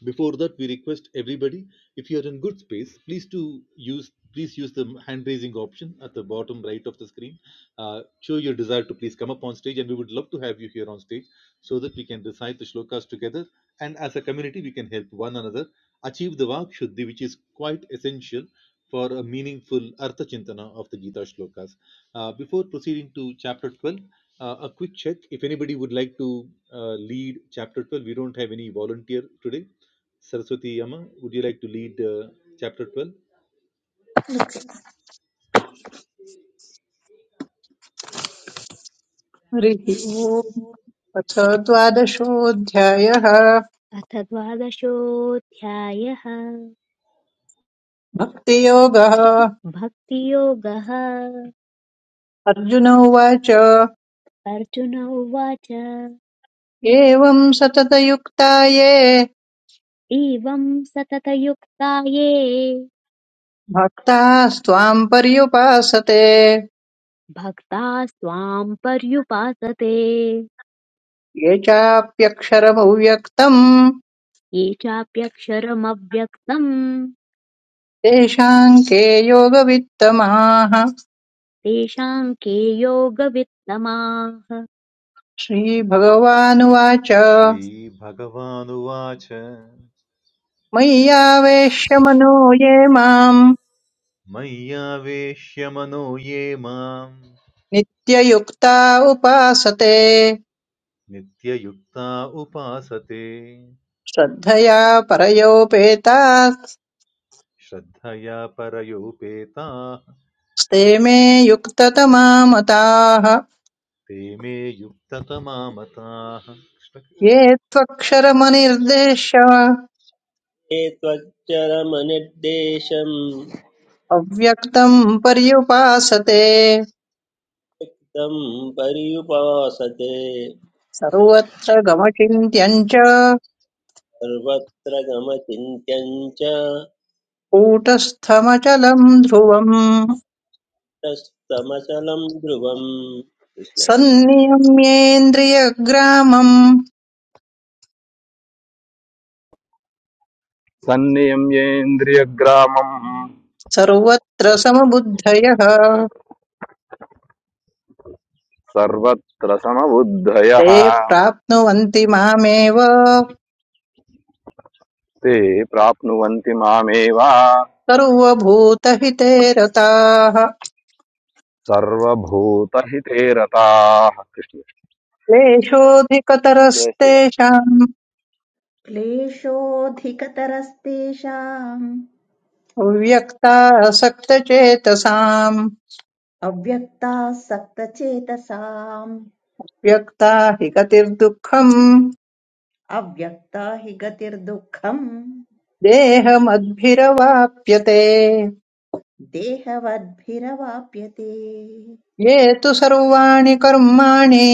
B: Before that, we request everybody, if you are in good space, please to use please use the hand raising option at the bottom right of the screen. Uh, show your desire to please come up on stage, and we would love to have you here on stage so that we can recite the shlokas together. And as a community, we can help one another achieve the vak shuddhi, which is quite essential for a meaningful artha chintana of the Gita shlokas. Uh, before proceeding to chapter 12, uh, a quick check if anybody would like to uh, lead chapter 12 we don't have any volunteer today Saraswati Amma, would you like to lead uh, chapter 12?
C: हरिः ओम् अथ द्वादशोऽध्यायः
A: अथ द्वादशोऽध्यायः
C: भक्तियोगः
A: भक्तियोगः
C: अर्जुन उवाच
A: अर्जुन उवाच
C: एवम् सततयुक्ता ये
A: एवं सततयुक्ता ये
C: भक्तास्त्वाम् पर्युपासते
A: भक्ता स्वाम् पर्युपासते
C: ये चाप्यक्षरमव्यक्तम्
A: ये चाप्यक्षरमव्यक्तम्
C: तेषाम् के योगवित्तमाः
A: तेषाम् के योगवित्तमाः
C: श्रीभगवानुवाच
B: श्रीभगवानुवाच
C: मय्यावेश्य मनो ये माम्
B: मय्यावेश्य मनो ये माम्
C: नित्ययुक्ता उपासते
B: नित्ययुक्ता उपासते
C: श्रद्धया परयोपेतास्ते
B: श्रद्धया परयोपेताः
C: मे युक्ततमा मताः
B: ते मे युक्ततमामताः कृष्ण कृष्ण।
C: ये त्वक्षरमनिर्देश्य
D: ते त्वच्चरमनिर्देशम्
C: अव्यक्तम् पर्युपासते
D: तं पर्युपासते
C: सर्वत्र गमचिन्त्यम् च
D: सर्वत्र गमचिन्त्यं च
C: कूटस्थमचलम् ध्रुवम्
D: तस्तमचलं ध्रुवम्
C: सन्नियम्येन्द्रियग्रामम्
E: सन्नियम्येन्द्रियग्रामम्
C: सर्वत्र समबुद्धयः
E: सर्वत्र समबुद्धयः
C: ते प्राप्नुवन्ति मामेव
E: ते प्राप्नुवन्ति मामेव
C: सर्वभूतहिते रताः
E: सर्वभूतहिते रताः कृष्ण जय श्री राम
C: क्लेशोऽधिकतरस्तेषाम्
F: क्लेशोऽधिकतरस्तेषाम्
C: व्यक्तासक्तचेतसाम्
F: अव्यक्ताः सक्तचेतसाम्
C: व्यक्ता हि गतिर्दुःखम्
F: अव्यक्ता हि गतिर्दुःखम्
C: देहमद्भिरवाप्यते
F: देहवद्भिरवाप्यते
C: ये तु सर्वाणि कर्माणि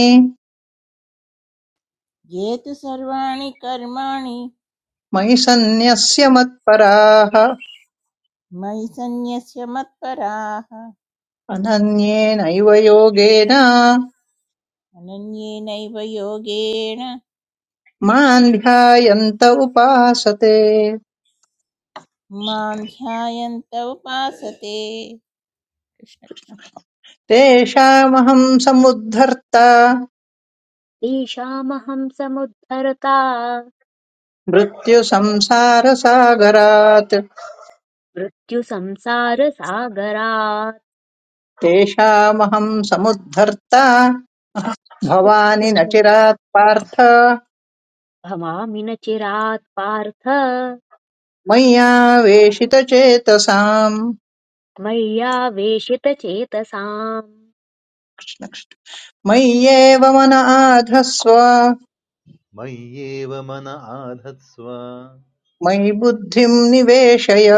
G: ये तु सर्वाणि कर्माणि
C: मयि सन्न्यस्य मत्पराः
G: मयि सन्न्यस्य मत्पराः
C: अनन्येनैव योगेन
G: अनन्येनैव योगेण
C: माम् ध्यायन्त उपासते
G: मां ध्यायन्त उपासते कृष्ण कृष्ण।
C: तेषामहम् समुद्धर्ता
A: तेषामहं समुद्धरता
C: मृत्युसंसारसागरात्
A: मृत्युसंसारसागरात्
C: तेषामहम् समुद्धर्ता भवानि न
A: कृष्ण
C: चिरात् पार्थ
A: भवामि न चिरात् पार्थ
C: मय्यावेशितचेतसाम्
A: मय्यावेशितचेतसाम्
C: मय्येव मन आधस्व
B: मय्येव मन आधत्स्व
C: मयि बुद्धिम् निवेशय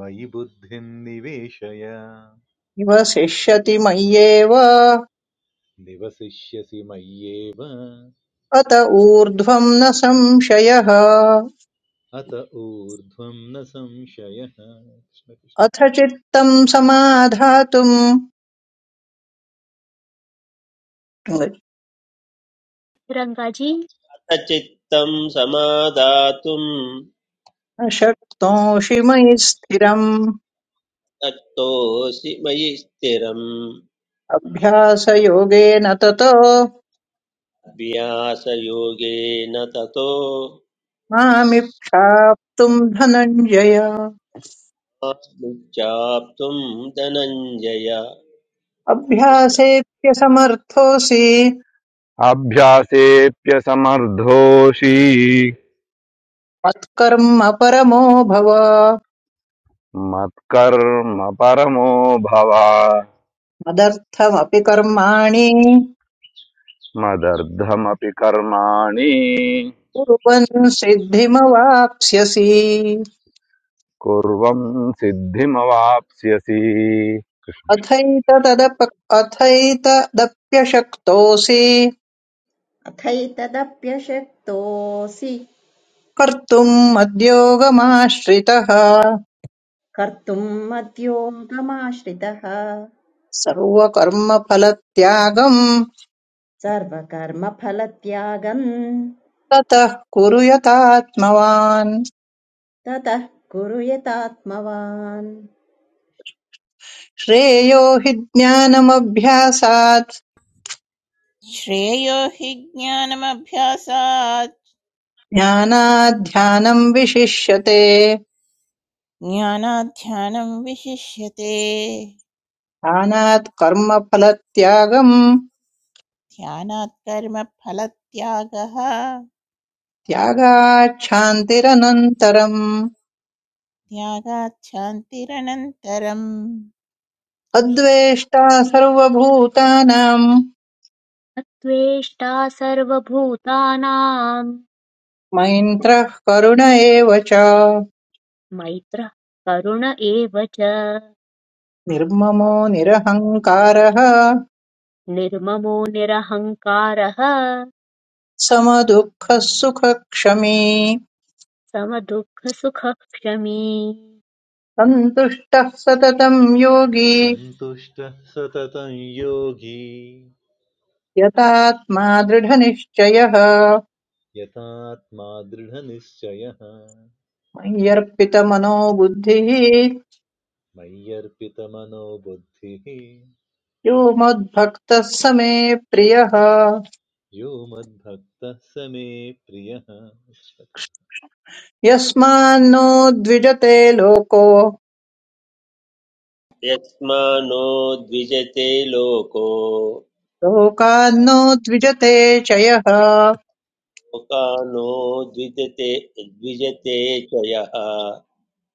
B: मयि बुद्धिं निवेशय
C: निवसिष्यति मय्येव
B: निवसिष्यसि मय्येव
C: अत ऊर्ध्वम् न संशयः
B: अत ऊर्ध्वं न संशयः कृष्ण
C: अथ चित्तं समाधातुम् न
A: रङ्गजी
D: चित्तं समादातुं
C: शक्नोषि मयि स्थिरम्
D: शक्तोऽसि मयि स्थिरम्
C: अभ्यासयोगेन ततो
D: अभ्यासयोगेन ततो
C: मामिप्राप्तुम् धनञ्जय
D: मां चाप्तुं धनञ्जय
C: अभ्यासेऽप्यसमर्थोऽसि
E: अभ्यासेऽप्यसमर्थोऽसि
C: मत्कर्म परमो भव
E: मत्कर्म परमो भव
C: मदर्थमपि कर्माणि
E: मदर्थमपि कर्माणि
C: कुर्वन् सिद्धिमवाप्स्यसि
E: कुर्वं सिद्धिमवाप्स्यसि
C: अथैतदप्यशक्तोऽसि
F: अथैतदप्यशक्तोऽसि
C: कर्तुम् मद्योगमाश्रितः
F: कर्तुम् मद्योगमाश्रितः
C: सर्वकर्मफलत्यागम्
F: सर्वकर्मफलत्यागम्
C: ततः कुरु यथात्मवान्
F: ततः कुरु यतात्मवान्
C: श्रेयो हि ज्ञानमभ्यासात्
G: श्रेयो हि ज्ञानमभ्यासात्
C: ज्ञानात् ध्यानम् विशिष्यते
G: ज्ञानाध्यानं विशिष्यते
C: ध्यानात् कर्मफलत्यागम्
G: ध्यानात् कर्म फलत्यागः
C: त्यागात् शान्तिरनन्तरम्
G: त्यागात् शान्तिरनन्तरम् कृष्ण
C: अद्वेष्टा सर्वभूतानाम्
A: त्वेष्टा सर्वभूतानाम्
C: मैन्त्रः करुण एव च
A: मैत्रः करुण एव च
C: निर्ममो निरहङ्कारः
A: निर्ममो निरहङ्कारः
C: समदुःखः सुखक्षमी
A: समदुःखसुखः क्षमी
C: सन्तुष्टः सततम् योगी
B: सततं योगी
C: यतात्मा दृढनिश्चयः
B: यतात्मा दृढनिश्चयः
C: मय्यर्पितमनो बुद्धिः
B: मय्यर्पितमनो बुद्धिः
C: यो मद्भक्तः स मे प्रियः
B: यो मद्भक्तः स मे प्रियः कृष्ण कृष्ण।
C: यस्मान्नो द्विजते लोको
D: यस्मानो द्विजते लोको
C: लोकान्नो द्विजते चयः
D: लोकानो द्विजते द्विजते च यः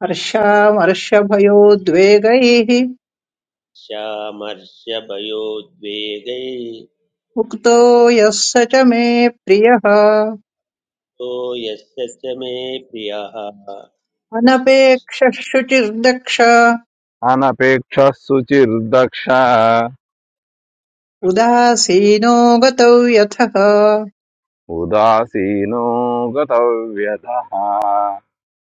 C: हर्षामर्षभयोद्वेगैः
D: श्यामर्षभयोद्वेगै
C: उक्तो यः स च मे प्रियः
D: तो यस्य च मे प्रियः कृष्ण कृष्ण।
C: अनपेक्षः शुचिर्दक्ष
E: अनपेक्षः सुचिर्दक्ष
C: उदासीनो गतौ यथः
E: उदासीनो गतव्यतः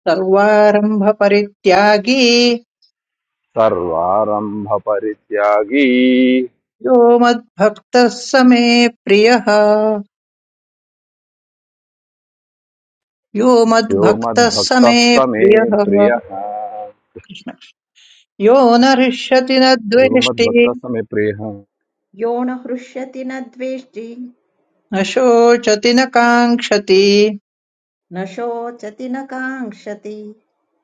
C: सर्वारम्भपरित्यागी
E: सर्वारम्भपरित्यागी
C: यो मद्भक्तः स मे प्रियः यो
E: यो
C: मद्भक्तः स
E: मद्भक्तः
C: मे
E: स मे
C: प्रियः
E: प्रियः
C: कृष्ण। यो न हृष्यति न
E: यो
C: द्वेष्टि
E: मद्भक्तः स मे प्रियः
F: यो न हृष्यति न द्वेष्टि
C: न शोचति न काङ्क्षति
F: न शोचति न काङ्क्षति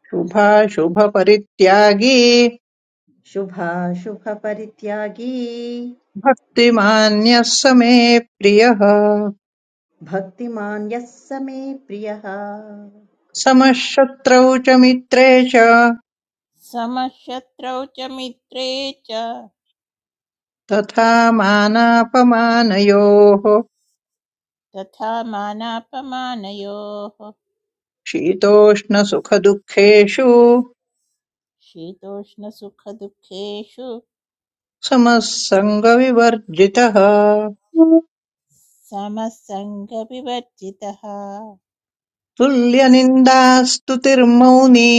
C: शुभाशुभपरित्यागी
F: शुभाशुभपरित्यागी
C: भक्तिमान्यः स मे प्रियः
F: भक्तिमान् यः स मे प्रियः
C: समः शत्रौ च मित्रे च
G: समशत्रौ च मित्रे च
C: तथा मानापमानयोः
G: तथा मानापमानयोः
C: शीतोष्णसुखदुःखेषु
G: शीतोष्णसुखदुःखेषु
C: समः सङ्गविवर्जितः
G: समसङ्गविवर्जितः
C: तुल्यनिन्दास्तुतिर्मौनी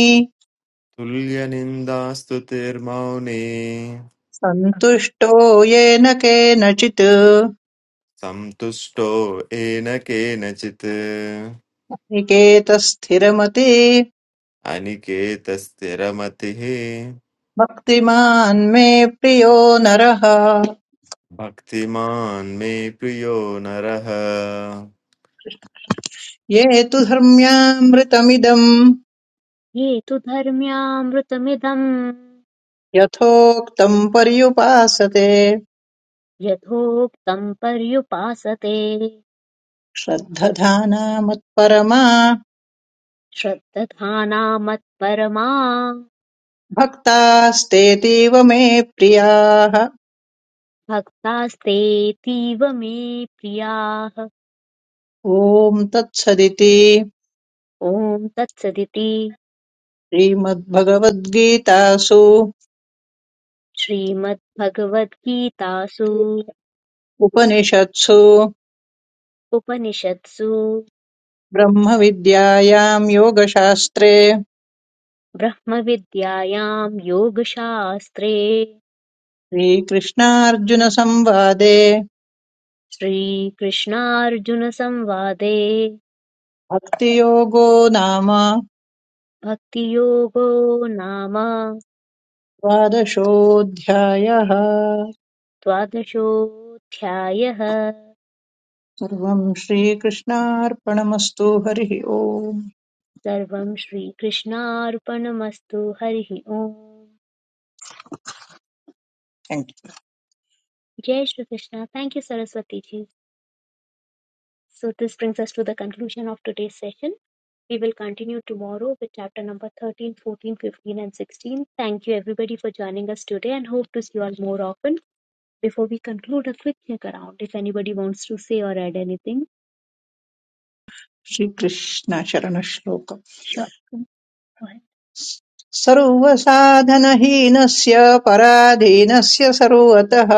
H: Tulya nimdastu termauni
C: सन्तुष्टो येन केनचित्
H: samtusto ena ke na chit
C: निकेतस्थिरमति
H: ani ke tas teramatihi
C: भक्तिमान् मे प्रियो नरः
H: bhaktiman me priyo naraha.
C: ये तु धर्म्यामृतमिदम्
A: ये तु धर्म्यामृतमिदम्
C: यथोक्तम् पर्युपासते
A: यथोक्तम् पर्युपासते
C: श्रद्धधानामत्परमा
A: श्रद्दधानामत्परमा
C: भक्तास्तेतीव मे प्रियाः
A: भक्तास्तेऽतीव मे प्रियाः
C: ॐ तत्सदिति
A: ॐ तत्सदिति
C: श्रीमद्भगवद्गीतासु
A: श्रीमद्भगवद्गीतासु
C: उपनिषत्सु
A: उपनिषत्सु
C: ब्रह्मविद्यायाम् योगशास्त्रे
A: ब्रह्मविद्यायां योगशास्त्रे
C: श्रीकृष्णार्जुनसंवादे
A: श्रीकृष्णार्जुनसंवादे
C: भक्तियोगो नाम
A: भक्तियोगो नाम
C: द्वादशोऽध्यायः
A: द्वादशोऽध्यायः
C: सर्वं श्रीकृष्णार्पणमस्तु हरिः ओम्
A: Sarvam Shri Krishna श्रीकृष्णार्पणमस्तु Harihi Om.
C: Thank you
A: Jai Shri Krishna. Thank you, Saraswati ji. So this brings us to the conclusion of today's session. We will continue tomorrow with chapter number 13, 14, 15, and 16. Thank you everybody for joining us today and hope to see you all more often. Before we conclude, a quick check around if anybody wants to say or add anything.
C: Shri Krishna शरण श्लोक
A: Sure. Go ahead.
C: सर्वसाधनहीनस्य पराधीनस्य सर्वतः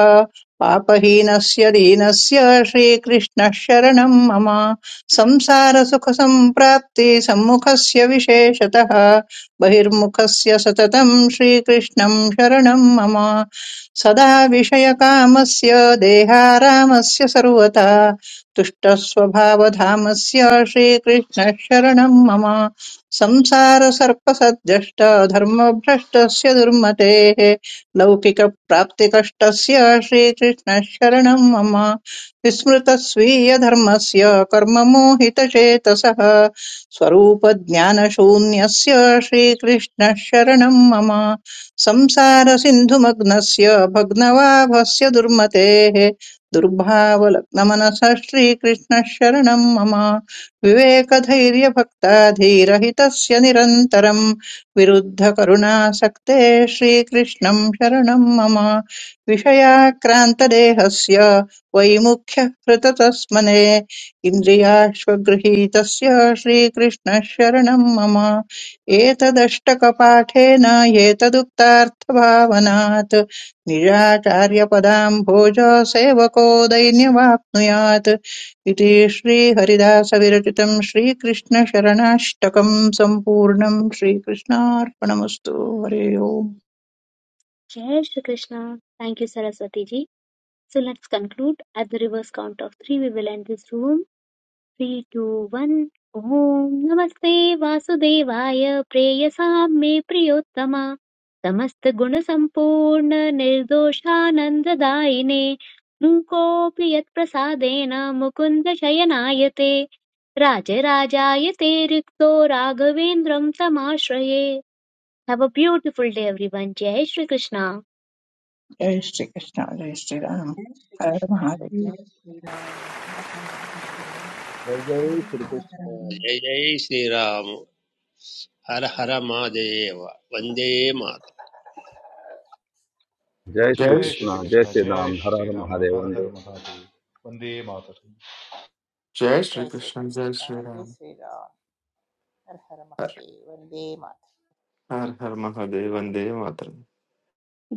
C: पापहीनस्य दीनस्य श्रीकृष्णः शरणं मम संसारसुखसम्प्राप्ति सम्मुखस्य विशेषतः बहिर्मुखस्य सततं श्रीकृष्णं शरणं मम सदा विषयकामस्य देहारामस्य सर्वथा तुष्टस्वभावधामस्य श्रीकृष्णः शरणं मम संसारसर्पसद्भ्रष्ट धर्मभ्रष्टस्य दुर्मतेः लौकिकप्राप्तिकष्टस्य श्रीकृष्णशरणं मम विस्मृतस्वीयधर्मस्य कर्ममोहितचेतसः स्वरूपज्ञानशून्यस्य श्रीकृष्णशरणं मम संसारसिन्धुमग्नस्य भग्नवाभस्य दुर्मतेः दुर्भावलग्नमनसः श्रीकृष्णशरणं मम विवेकधैर्यभक्ता धीरहितस्य निरन्तरम् विरुद्धकरुणासक्ते श्रीकृष्णम् शरणम् मम विषयाक्रान्तदेहस्य वैमुख्यः हृततस्मने इन्द्रियाश्वगृहीतस्य श्रीकृष्णः शरणम् मम एतदष्टकपाठेन एतदुक्तार्थभावनात् निजाचार्यपदाम् भोज सेवको दैन्यवाप्नुयात् इति श्रीहरिदासविरचितम् श्रीकृष्णशरणाष्टकम् सम्पूर्णम् श्रीकृष्णार्पणमस्तु हरे ओम्
A: Jai Shri Krishna. Thank you, Saraswati ji. So let's conclude. At the reverse count of three, we will end this room. Three two one ॐ नमस्ते वासुदेवाय प्रेयसां मे प्रियोत्तम समस्तगुणसम्पूर्ण निर्दोषानन्ददायिने मूकोऽपि यत्प्रसादेन मुकुन्द शयनायते राजराजाय ते रिक्तो राघवेन्द्रं तमाश्रये have a beautiful day everyone जय श्रीकृष्ण
C: जय श्रीकृष्ण जय श्रीराम
F: जय
C: हर हर
F: श्रीकृष्ण
C: महादेव
F: जय श्रीराम हर हर महादेव
D: जय जय
F: वन्दे
D: श्रीकृष्ण
F: मातरम्
D: जय जय श्रीराम हर हर महादेव वन्दे मातरम्
E: जय श्री
H: Jais
B: जय
E: कृष्ण जय
B: श्रीकृष्ण
E: श्री
B: जय
E: राम हर हर महादेव
B: हर
E: वंदे
B: हर महादेव वन्दे मातरम्
H: jais
G: जय
H: rakshana
G: श्रीकृष्ण
H: jais
G: जय
H: rama
G: श्रीराम हर हर
H: har
G: महादेव वन्दे मातरम्
H: har har mahadev bande matram.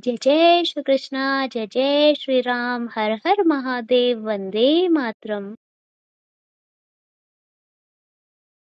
A: जय जय श्रीकृष्ण जय जय श्रीराम हर हर महादेव वन्दे मातरम्